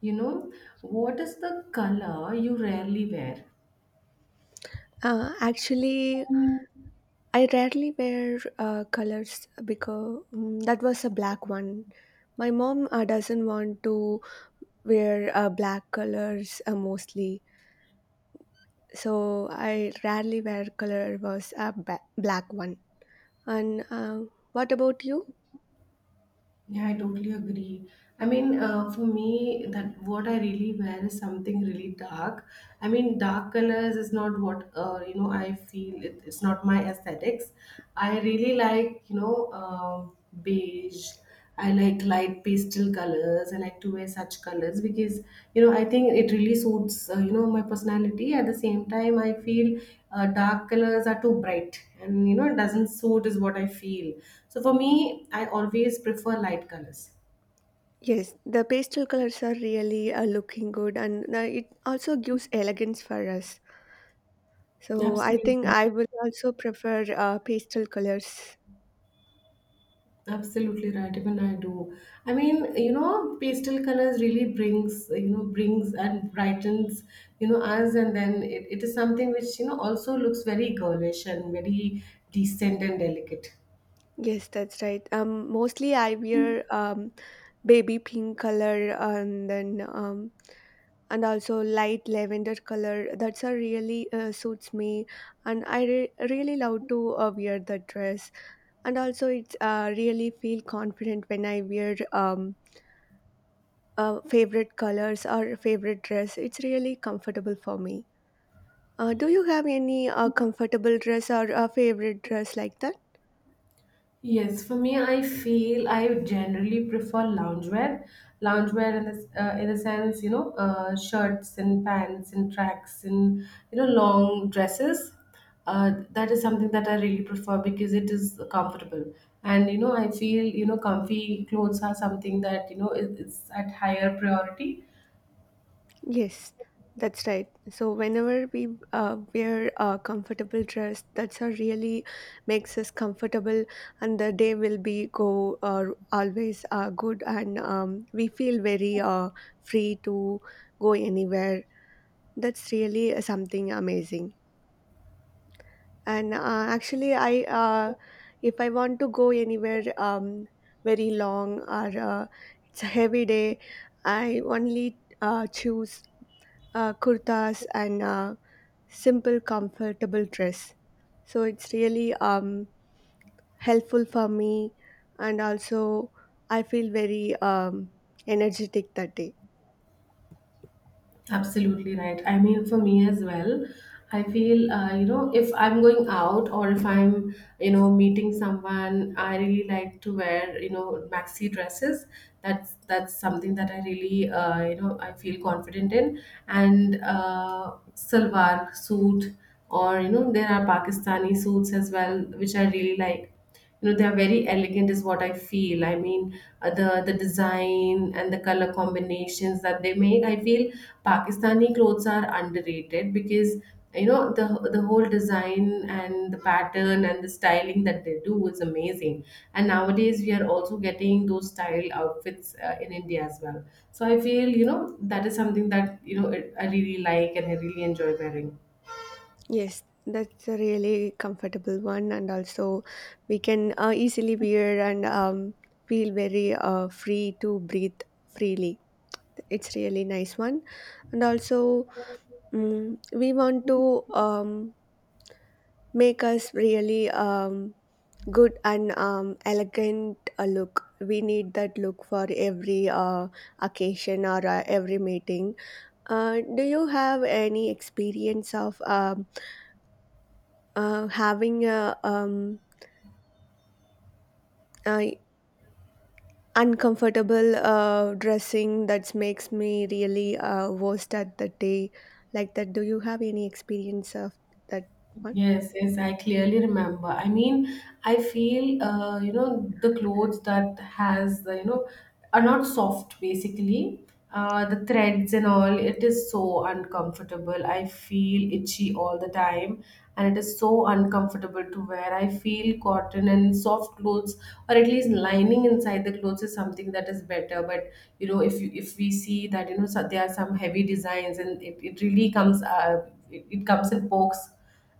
You know, what is the color you rarely wear? Uh, actually, I rarely wear colors because that was a black one. My mom doesn't want to wear black colors mostly, so I rarely wear color was a black one. And What about you? Yeah, I totally agree. I mean, for me, that what I really wear is something really dark. I mean, dark colors is not what. I feel it's not my aesthetics. I really like beige. I like light pastel colors. I like to wear such colors because you know I think it really suits you know my personality. At the same time, I feel dark colors are too bright, and you know it doesn't suit is what I feel. So for me, I always prefer light colors. Yes, the pastel colors are really looking good, and it also gives elegance for us. So I Absolutely. think I will also prefer pastel colors. Absolutely right. Even I do. I mean, you know, pastel colors really brings, you know, brings and brightens, you know, us. And then it is something which, you know, also looks very girlish and very decent and delicate. Yes, that's right. Mostly I wear baby pink color, and then and also light lavender color. That's a really suits me, and I really love to wear that dress. And also, it's really feel confident when I wear favorite colors or favorite dress. It's really comfortable for me. Do you have any comfortable dress or a favorite dress like that? Yes, for me, I feel I generally prefer loungewear. Loungewear in in the sense, you know, shirts and pants and tracks and, you know, long dresses. That is something that I really prefer because it is comfortable. And, you know, I feel, you know, comfy clothes are something that, you know, is at higher priority. Yes, that's right. So whenever we wear a comfortable dress, that's what really makes us comfortable, and the day will be go always good, and we feel very free to go anywhere. That's really something amazing. And actually, I, if I want to go anywhere very long, or it's a heavy day, I only choose kurtas and simple comfortable dress, so it's really helpful for me, and also I feel very energetic that day. Absolutely right. I mean, for me as well, I feel, you know, if I'm going out or if I'm, you know, meeting someone, I really like to wear, you know, maxi dresses. That's something that I really, you know, I feel confident in. And salwar suit, or you know, there are Pakistani suits as well, which I really like. You know, they are very elegant is what I feel. I mean, the design and the color combinations that they make, I feel Pakistani clothes are underrated because you know the whole design and the pattern and the styling that they do is amazing. And nowadays we are also getting those style outfits in India as well. So I feel, you know, that is something that I really like and I really enjoy wearing. Yes, that's a really comfortable one, and also we can easily wear and feel very free to breathe freely. It's really nice one. And also, we want to make us really good and elegant look. We need that look for every occasion, or every meeting. Do you have any experience of having a uncomfortable dressing that makes me really worst at the day like that? Do you have any experience of that one? Yes, yes, I clearly remember. I mean, I feel you know the clothes that has the are not soft basically. The threads and all, it is so uncomfortable. I feel itchy all the time, and it is so uncomfortable to wear. I feel cotton and soft clothes, or at least lining inside the clothes, is something that is better. But you know, if we see that you know so there are some heavy designs, and it really comes it comes and pokes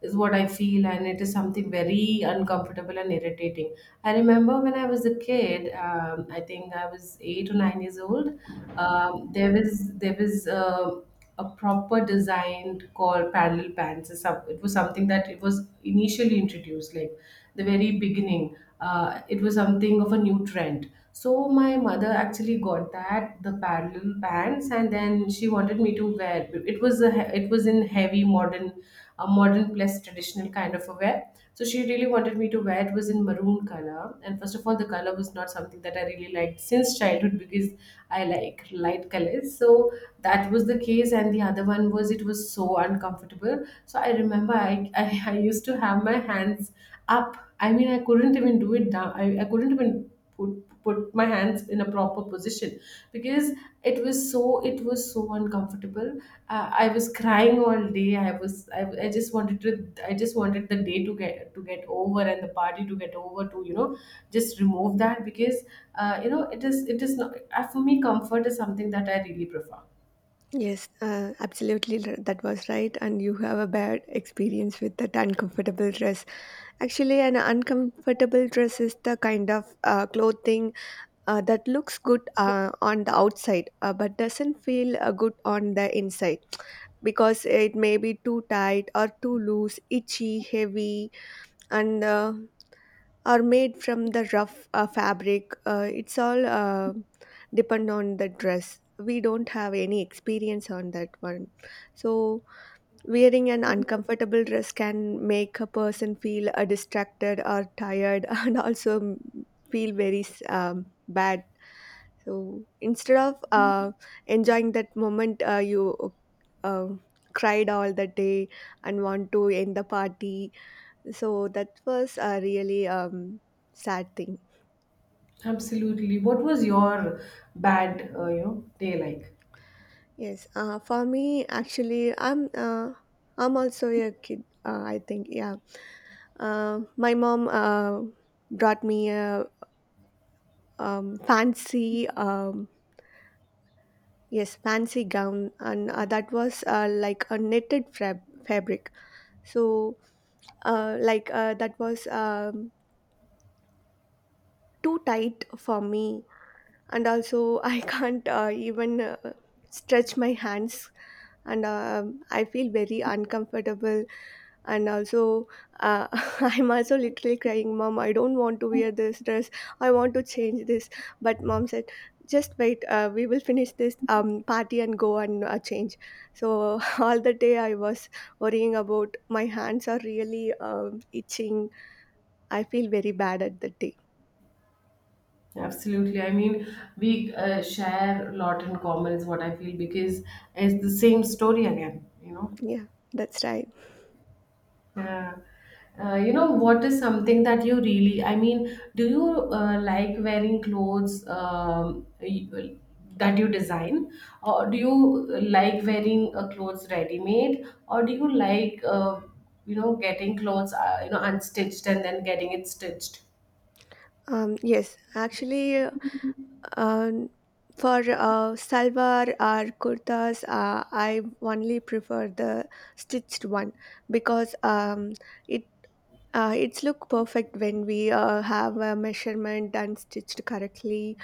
is what I feel, and it is something very uncomfortable and irritating. I remember when I was a kid, I think I was 8 or 9 years old. Um, there was there was a, a proper design called parallel pants. It was something that it was initially introduced, like the very beginning. It was something of a new trend. So my mother actually got that the parallel pants, and then she wanted me to wear. It was in heavy modern, a modern plus traditional kind of a wear. So she really wanted me to wear. It was in maroon color, and first of all, the color was not something that I really liked since childhood because I like light colors. So that was the case, and the other one was it was so uncomfortable. So I remember I used to have my hands up. I mean, I couldn't even do it down. I couldn't even put my hands in a proper position because it was so it was so uncomfortable. I was crying all day. I just wanted to I just wanted the day to get over and the party to get over to you know just remove that because you know it is not for me, comfort is something that I really prefer. Yes, absolutely. That was right. And you have a bad experience with that uncomfortable dress. Actually, an uncomfortable dress is the kind of clothing that looks good on the outside, but doesn't feel good on the inside, because it may be too tight or too loose, itchy, heavy, and are made from the rough fabric. It's all depend on the dress. We don't have any experience on that one. So wearing an uncomfortable dress can make a person feel distracted or tired and also, feel very bad. So instead of enjoying that moment, you, uh, cried all the day and want to end the party. So that was a really sad thing. Absolutely. What was your bad, you know, day like? Yes, for me, actually, I'm also a kid, I think. Yeah, my mom brought me a fancy, yes, fancy gown, and that was like a knitted fabric. So, that was too tight for me, and also I can't even stretch my hands, and I feel very uncomfortable. And also, uh, I'm also literally crying, Mom, I don't want to wear this dress. I want to change this. But Mom said, just wait, we will finish this party and go and change. So, all the day I was worrying about my hands are really itching. I feel very bad at that day. Absolutely. I mean, we share a lot in common, is what I feel, because it's the same story again, you know. Yeah, that's right. Yeah. You know, what is something that you really, I mean, do you like wearing clothes that you design, or do you like wearing clothes ready made, or do you like, you know, getting clothes, you know, unstitched and then getting it stitched? Yes, actually, Um, for salwar or kurtas, I only prefer the stitched one, because it, it's look perfect when we have a measurement done stitched correctly,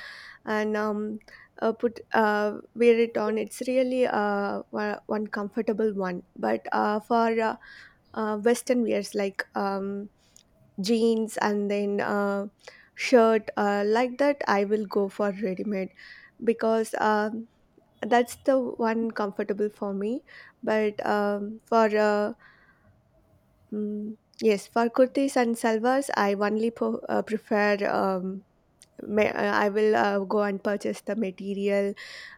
and put wear it on. It's really one comfortable one. But for Western wears like jeans and then shirt, like that I will go for ready made, because that's the one comfortable for me. But mm, yes, for kurtis and salwars, I only prefer, um, ma- I will go and purchase the material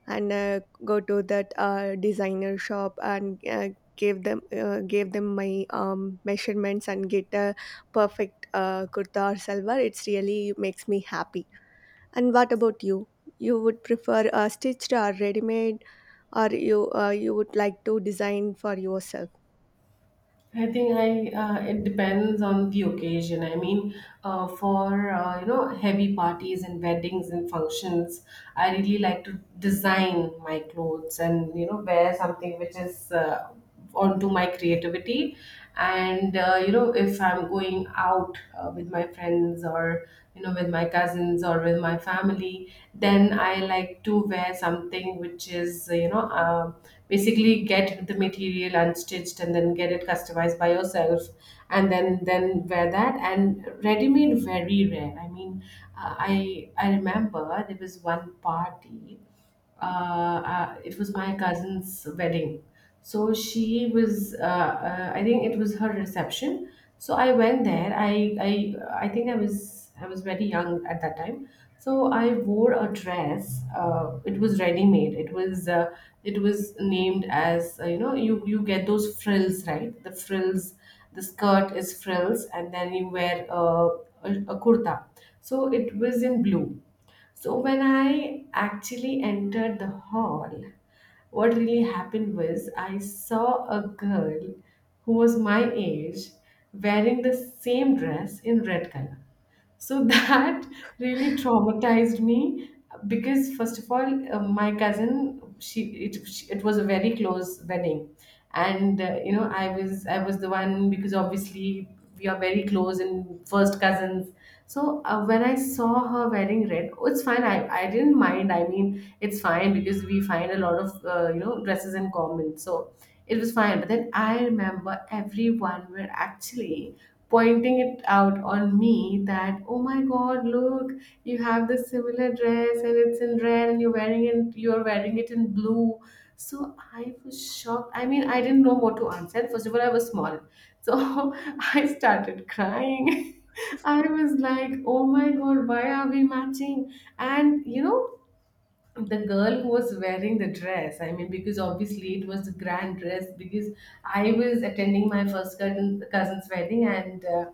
and go to that designer shop, and gave them my measurements and get a perfect kurta or salwar. It's really makes me happy. And what about you? You would prefer stitched or ready made, or you would like to design for yourself? I think I it depends on the occasion. I mean, for you know heavy parties and weddings and functions, I really like to design my clothes and you know wear something which is onto my creativity. And you know, if I'm going out with my friends or you know with my cousins or with my family, then I like to wear something which is you know basically get the material unstitched and then get it customized by yourself and then wear that. And ready made very rare, I mean, I remember there was one party. It was my cousin's wedding. So she was, I think it was her reception. So I went there. I think I was very young at that time. So I wore a dress. It was ready made. It was named as you know, you get those frills, right? The frills, the skirt is frills, and then you wear a kurta. So it was in blue. So when I actually entered the hall, what really happened was I saw a girl who was my age wearing the same dress in red color. So that really traumatized me because first of all, my cousin she it was a very close wedding, and you know I was the one because obviously we are very close and first cousins. So when I saw her wearing red, oh, it's fine. I didn't mind. I mean, it's fine because we find a lot of you know dresses in common. So it was fine. But then I remember everyone were actually pointing it out on me that oh my god, look, you have this similar dress and it's in red and you're wearing it. You're wearing it in blue. So I was shocked. I mean, I didn't know what to answer. First of all, I was small. So I started crying. I was like, oh my God, why are we matching? And you know, the girl who was wearing the dress, I mean because obviously it was a grand dress because I was attending my first cousin's wedding. And uh,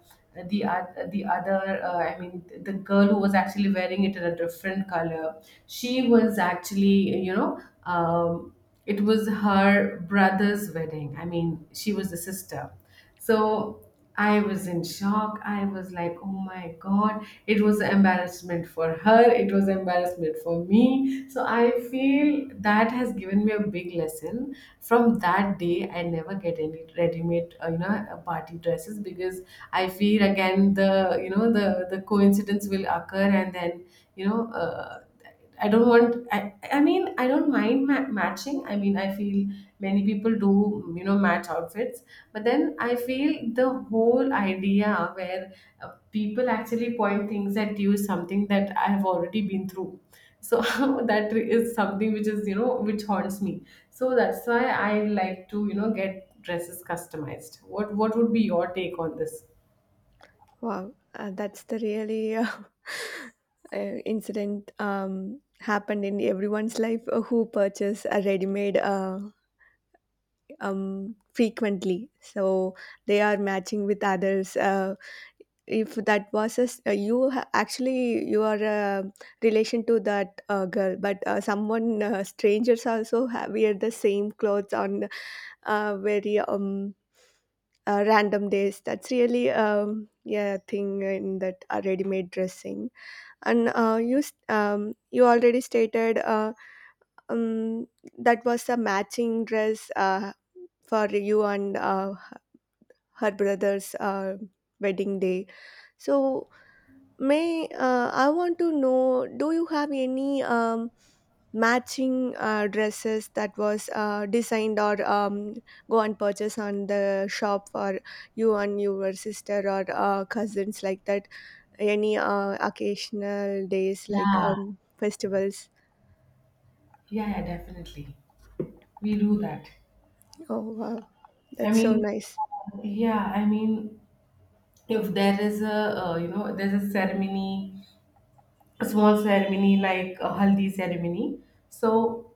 the oth- the other I mean the girl who was actually wearing it in a different color, she was actually you know it was her brother's wedding. I mean she was the sister. So I was in shock. I was like, oh my God. It was an embarrassment for her. It was an embarrassment for me. So I feel that has given me a big lesson. From that day, I never get any ready-made, you know, party dresses because I feel again the coincidence will occur and then, you know, I don't want. I mean, I don't mind matching. I mean, I feel many people do, you know, match outfits. But then I feel the whole idea where people actually point things at you is something that I have already been through. So that is something which is, you know, which haunts me. So that's why I like to, you know, get dresses customized. What would be your take on this? Wow, that's the really incident happened in everyone's life who purchase a ready-made frequently. So they are matching with others. If that was you actually you are a relation to that girl, but someone strangers also have, wear the same clothes on very random days. That's really yeah thing in that ready-made dressing. And you already stated, um, that was a matching dress for you and her brother's wedding day. So, may, I want to know, do you have any matching dresses that was designed, or go and purchase on the shop for you and your sister or cousins like that, any occasional days like Yeah. Festivals? Yeah, yeah, definitely. We do that. Oh wow, I that's so mean, nice. yeah, I mean, if there is a there's a ceremony, a small ceremony like a haldi ceremony, so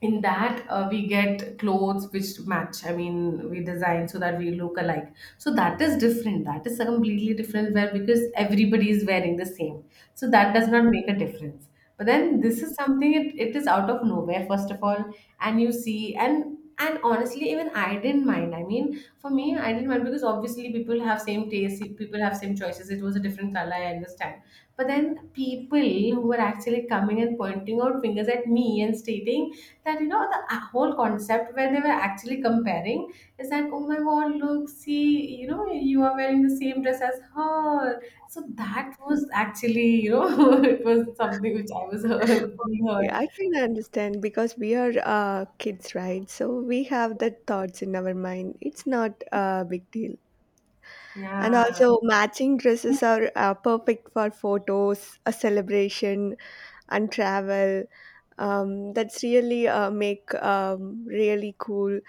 in that we get clothes which match. I mean, we design so that we look alike. So that is different. That is a completely different wear because everybody is wearing the same, so that does not make a difference. But then this is something, it is out of nowhere, first of all. And you see, and honestly, even I didn't mind. I mean, for me, I didn't mind, because obviously people have same taste, people have same choices. It was a different color, I understand. But then people who were actually coming and pointing out fingers at me and stating that, you know, the whole concept where they were actually comparing is that, oh my God, look, see, you know, you are wearing the same dress as her. So that was actually, you know, it was something which I was being Yeah, hurt. I can understand because we are kids, right? So we have that thoughts in our mind. It's not a big deal. And Yeah, also, matching dresses are perfect for photos, a celebration, and travel. That's really make really cool,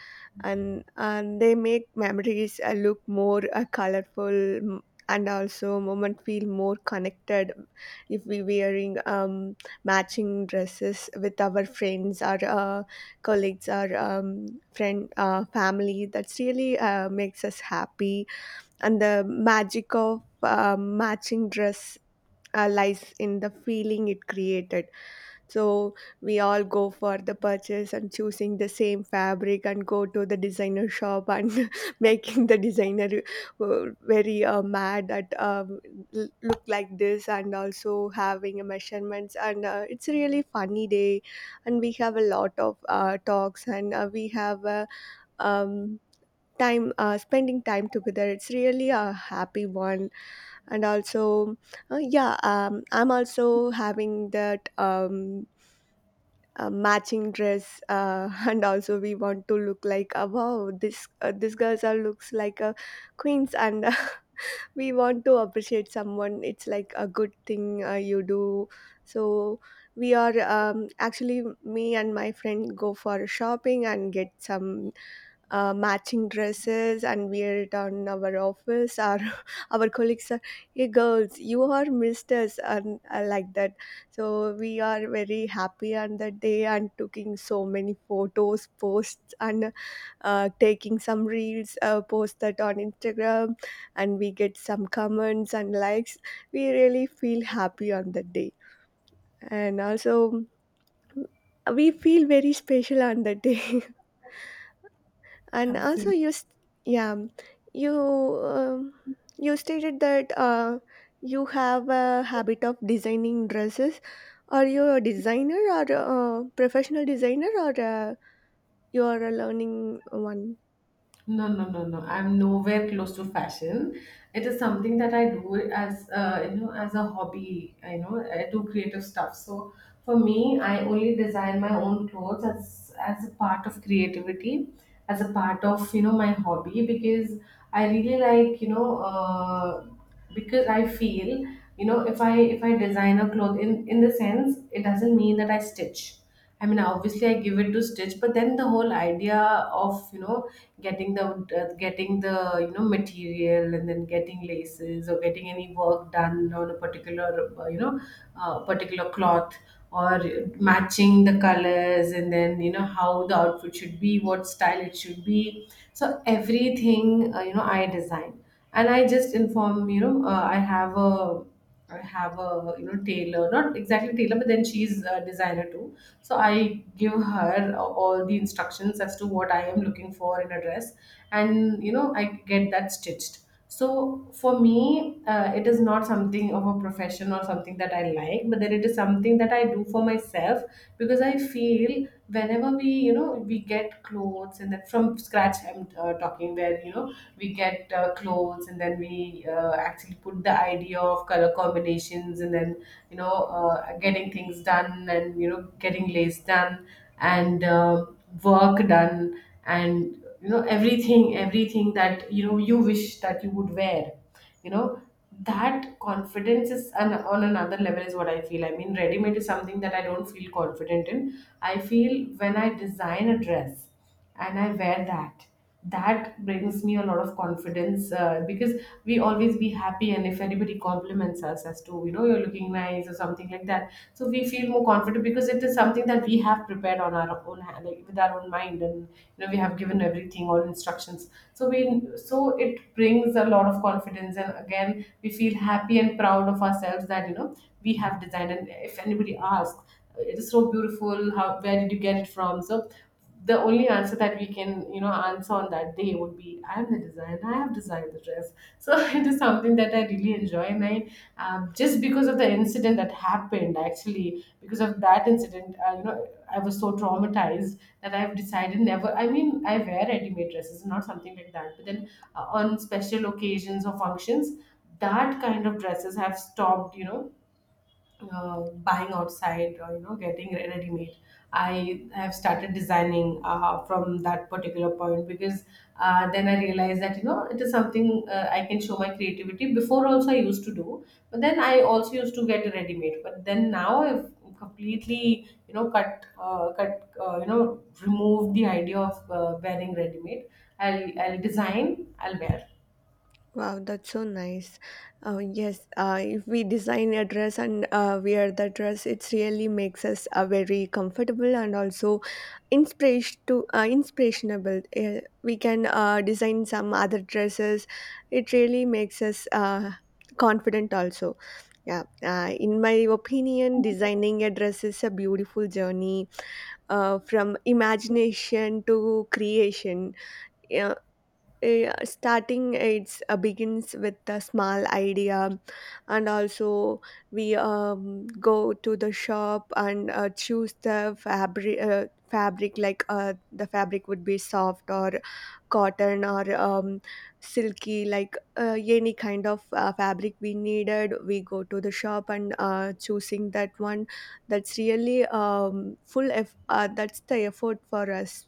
and they make memories look more colorful, and also moment feel more connected if we wearing matching dresses with our friends, our colleagues, our friend family. That's really makes us happy, and the magic of matching dress lies in the feeling it created. So we all go for the purchase and choosing the same fabric and go to the designer shop and making the designer very mad that look like this, and also having a measurements, and it's a really funny day, and we have a lot of talks, and we have um, time, spending time together. It's really a happy one. And also, yeah, I'm also having that a matching dress, and also we want to look like, wow, this, this girl's sir looks like a queens, and we want to appreciate someone. It's like a good thing you do. So we are, actually me and my friend go for shopping and get some matching dresses and wear it on our office, or our colleagues are, hey girls, you are misters, and like that. So we are very happy on that day, and taking so many photos posts, and taking some reels, post that on Instagram, and we get some comments and likes. We really feel happy on that day, and also we feel very special on that day. And also, absolutely. Yeah, you um, you stated that, you have a habit of designing dresses. Are you a designer or a professional designer, or you are a learning one? No, no, no, no. I'm nowhere close to fashion. It is something that I do as, you know, as a hobby. I know I do creative stuff. So for me, I only design my own clothes as a part of creativity, as a part of, you know, my hobby. Because I really like, you know, because I feel, you know, if I design a cloth, in the sense it doesn't mean that I stitch. I mean, obviously I give it to stitch, but then the whole idea of, you know, getting the getting the, you know, material, and then getting laces or getting any work done on a particular, you know, particular cloth, or matching the colors, and then you know how the outfit should be, what style it should be. So everything, you know, I design, and I just inform, you know, I have a I have a you know tailor, not exactly tailor, but then she's a designer too. So I give her all the instructions as to what I am looking for in a dress, and you know, I get that stitched. So for me, it is not something of a profession or something that I like, but then it is something that I do for myself. Because I feel whenever we, you know, we get clothes, and then from scratch, I'm talking where, you know, we get clothes, and then we actually put the idea of color combinations, and then, you know, getting things done and, you know, getting lace done, and work done. And you know, everything that, you know, you wish that you would wear, you know, that confidence is an, on another level, is what I feel. I mean, ready made is something that I don't feel confident in. I feel when I design a dress and I wear that, that brings me a lot of confidence, because we always be happy, and if anybody compliments us as to, you know, you're looking nice or something like that, so we feel more confident because it is something that we have prepared on our own hand, like with our own mind. And you know, we have given everything, all instructions, so we, so it brings a lot of confidence, and again we feel happy and proud of ourselves that, you know, we have designed. And if anybody asks, it is so beautiful, how, where did you get it from, so the only answer that we can, you know, answer on that day would be, I am the designer, I have designed the dress. So it is something that I really enjoy. And I, just because of the incident that happened, actually because of that incident, you know, I was so traumatized that I've decided never, I mean I wear ready-made dresses, not something like that, but then, on special occasions or functions, that kind of dresses have stopped, you know, uh, buying outside, or you know, getting ready made. I have started designing from that particular point, because then I realized that, you know, it is something, I can show my creativity. Before also I used to do, but then I also used to get ready made, but then now I've completely, you know, cut you know, remove the idea of wearing ready made. I'll design, I'll wear. Wow, that's so nice. Yes, if we design a dress and wear the dress, it really makes us very comfortable, and also inspiration to inspirationable. We can design some other dresses. It really makes us confident also. Yeah, in my opinion, designing a dress is a beautiful journey from imagination to creation. Yeah, eh, starting it's begins with a small idea. And also we go to the shop and choose the fabric, like the fabric would be soft or cotton or silky, like any kind of fabric we needed. We go to the shop and choosing that one. That's really that's the effort for us,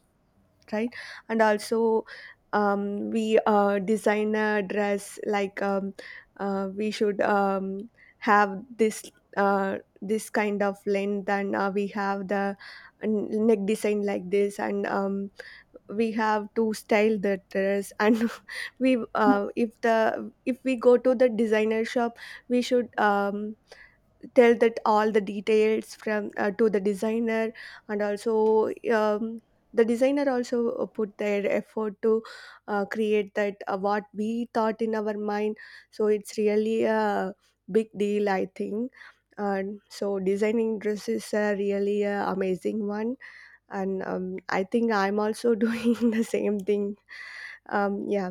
right? And also, we design a dress like, we should have this this kind of length, and we have the neck design like this. And we have to style the dress and we if the if we go to the designer shop, we should tell that all the details from to the designer. And also the designer also put their effort to create that what we thought in our mind. So it's really a big deal, I think. And so designing dress is a really amazing one. And I think I'm also doing the same thing. Yeah.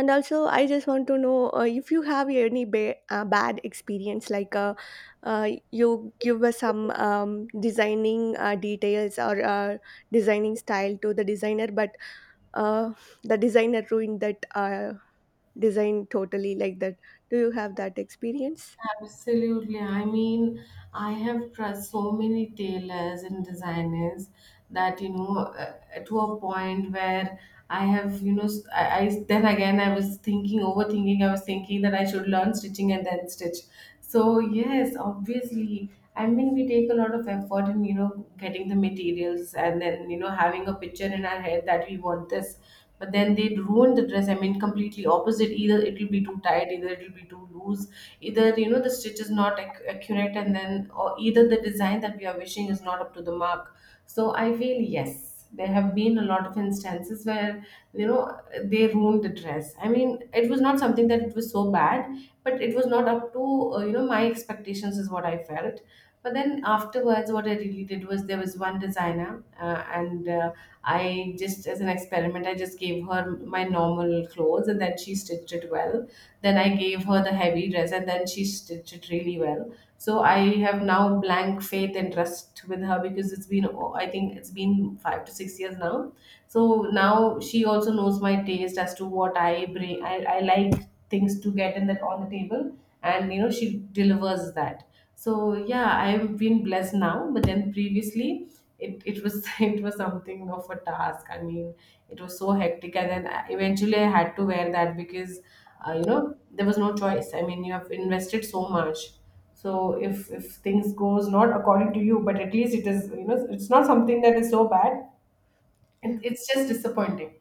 And also I just want to know, if you have any bad experience, like, you give us some designing details or designing style to the designer, but uh, the designer ruined that design totally, like that. Do you have that experience? Absolutely. I mean, I have trust so many tailors and designers, that you know, uh, to a point where I have, you know, I then again I was thinking, overthinking. I was thinking that I should learn stitching and then stitch. So yes, obviously. I mean, we take a lot of effort in, you know, getting the materials, and then you know, having a picture in our head that we want this. But then they ruin the dress. I mean, completely opposite. Either it will be too tight, either it will be too loose, either you know the stitch is not accurate, and then, or either the design that we are wishing is not up to the mark. So I feel yes, there have been a lot of instances where, you know, they ruined the dress. I mean, it was not something that it was so bad, but it was not up to, you know, my expectations, is what I felt. But then afterwards what I really did was, there was one designer, and I just, as an experiment, I just gave her my normal clothes, and then she stitched it well. Then I gave her the heavy dress, and then she stitched it really well. So I have now blank faith and trust with her, because it's been, oh, I think it's been 5 to 6 years now. So now she also knows my taste as to what I bring. I like things to get in the, on the table, and you know, she delivers that. So yeah, I've been blessed now, but then previously it was it was something of a task. I mean, it was so hectic, and then eventually I had to wear that, because, you know, there was no choice. I mean, you have invested so much. So if things goes not according to you, but at least it is, you know, it's not something that is so bad. it, Yeah. it's just disappointing.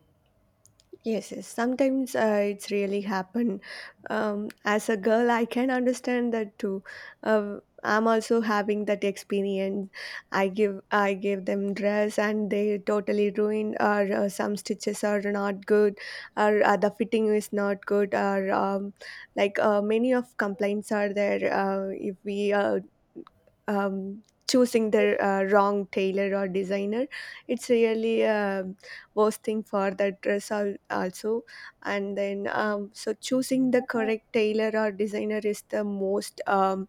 Yes, yes. Sometimes it's really happen. As a girl, I can understand that too. Uh, I'm also having that experience. I give them dress and they totally ruined, or some stitches are not good, or the fitting is not good, or like many of complaints are there. If we um, choosing the wrong tailor or designer, it's really a worst thing for the dress also. And then so choosing the correct tailor or designer is the most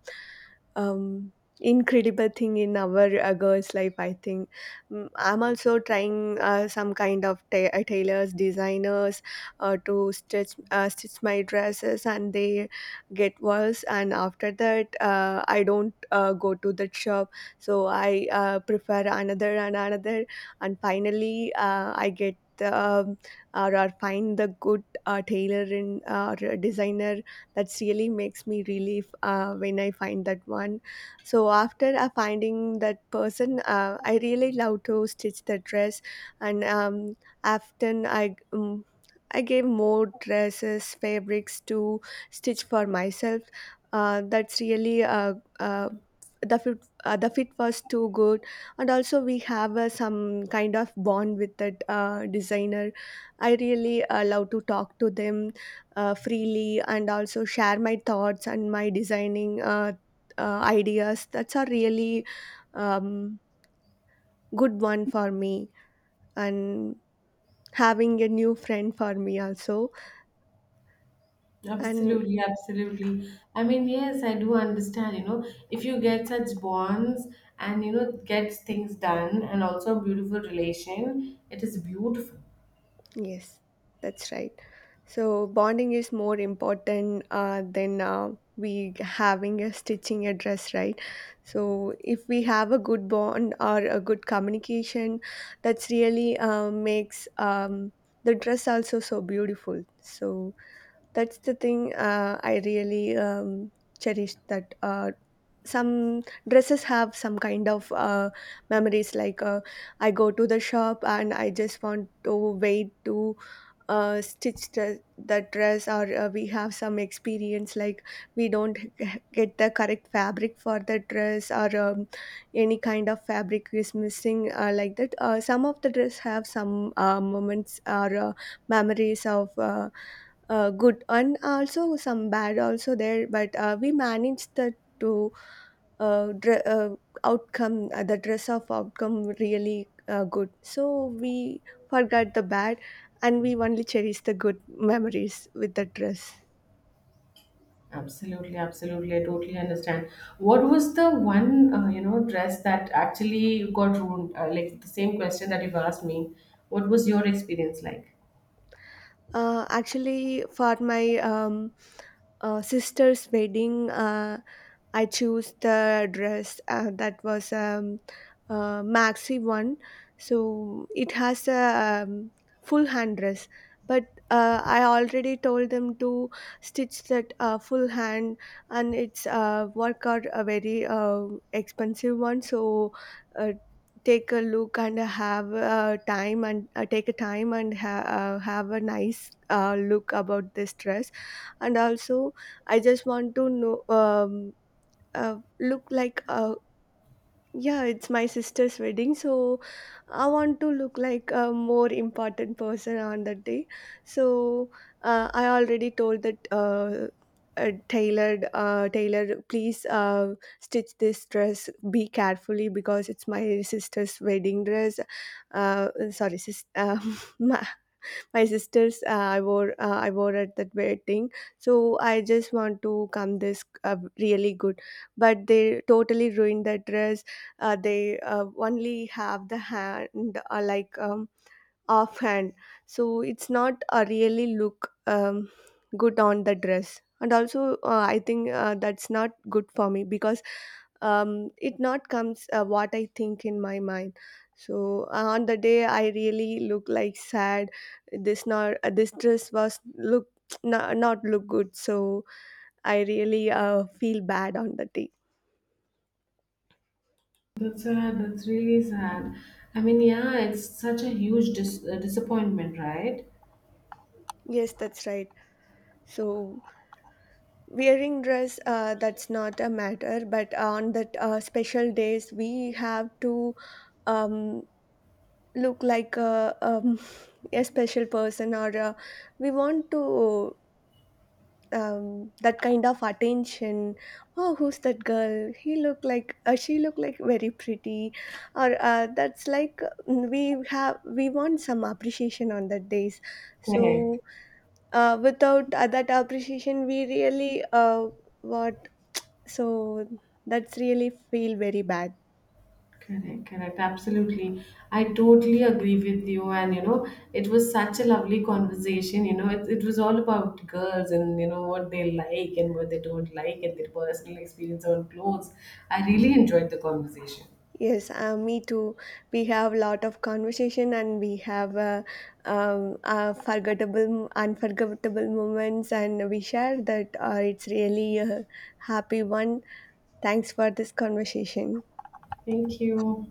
um, incredible thing in our girls' life, I think. Mm, I'm also trying some kind of tailors, designers to stitch my dresses, and they get worse. And after that, I don't go to that shop, so I prefer another and another, and finally, I get. Um, or or find the good tailor in or designer, that really makes me relief when I find that one. So after finding that person, I really love to stitch the dress. And often I I gave more dresses, fabrics to stitch for myself. That's really the fit. The fit was too good, and also we have some kind of bond with that designer. I really love to talk to them freely and also share my thoughts and my designing ideas. That's a really um, good one for me, and having a new friend for me also. And Absolutely, absolutely. I mean, yes, I do understand, you know, if you get such bonds and you know, get things done, and also a beautiful relation, it is beautiful. yes, that's right. So bonding is more important than we having a stitching a dress, right? So if we have a good bond or a good communication, that's really makes the dress also so beautiful. So that's the thing I really cherish, that some dresses have some kind of memories. Like I go to the shop and I just want to wait to stitch the dress, or we have some experience like we don't get the correct fabric for the dress, or any kind of fabric is missing. Like that, some of the dress have some moments or memories of good and also some bad also there, but we manage that uh, dre- uh, outcome. The dress of outcome really good, so we forgot the bad and we only cherish the good memories with the dress. Absolutely, absolutely. I totally understand. What was the one, you know, dress that actually got ruined? Like the same question that you've asked me. What was your experience like? Actually, for my sister's wedding, I choose the dress that was a maxi one, so it has a full hand dress. But I already told them to stitch that full hand, and it's work out a very expensive one. So uh, take a look and have a time, and take a time and have a nice look about this dress, and also I just want to know. Look like, yeah, it's my sister's wedding, so I want to look like a more important person on that day. So I already told that tailor, please stitch this dress be carefully, because it's my sister's wedding dress. Sorry, my my sisters, I wore at that wedding. So I just want to come this uh, really good. But they totally ruined that dress. They only have the hand, like offhand. So it's not really look good on the dress. And also I think that's not good for me, because it not comes what I think in my mind. So on the day I really look like sad. This not this dress was look not look good. So I really feel bad on the day. That's sad. That's really sad. I mean, yeah, it's such a huge disappointment, right? Yes, that's right. So wearing dress, that's not a matter, but on that special days we have to um, look like a, a special person, or we want to that kind of attention. Oh, who's that girl? He look like, she look like very pretty, or that's like, mm, we want some appreciation on that days. Correct. So without that appreciation we really what. So that's really feel very bad. Correct, correct. Absolutely. I totally agree with you. And, you know, it was such a lovely conversation. You know, it was all about girls and, you know, what they like and what they don't like, and their personal experience on clothes. I really enjoyed the conversation. Yes, me too. We have lot of conversation and we have forgettable unforgettable moments, and we share that. It's really a happy one. Thanks for this conversation. Thank you.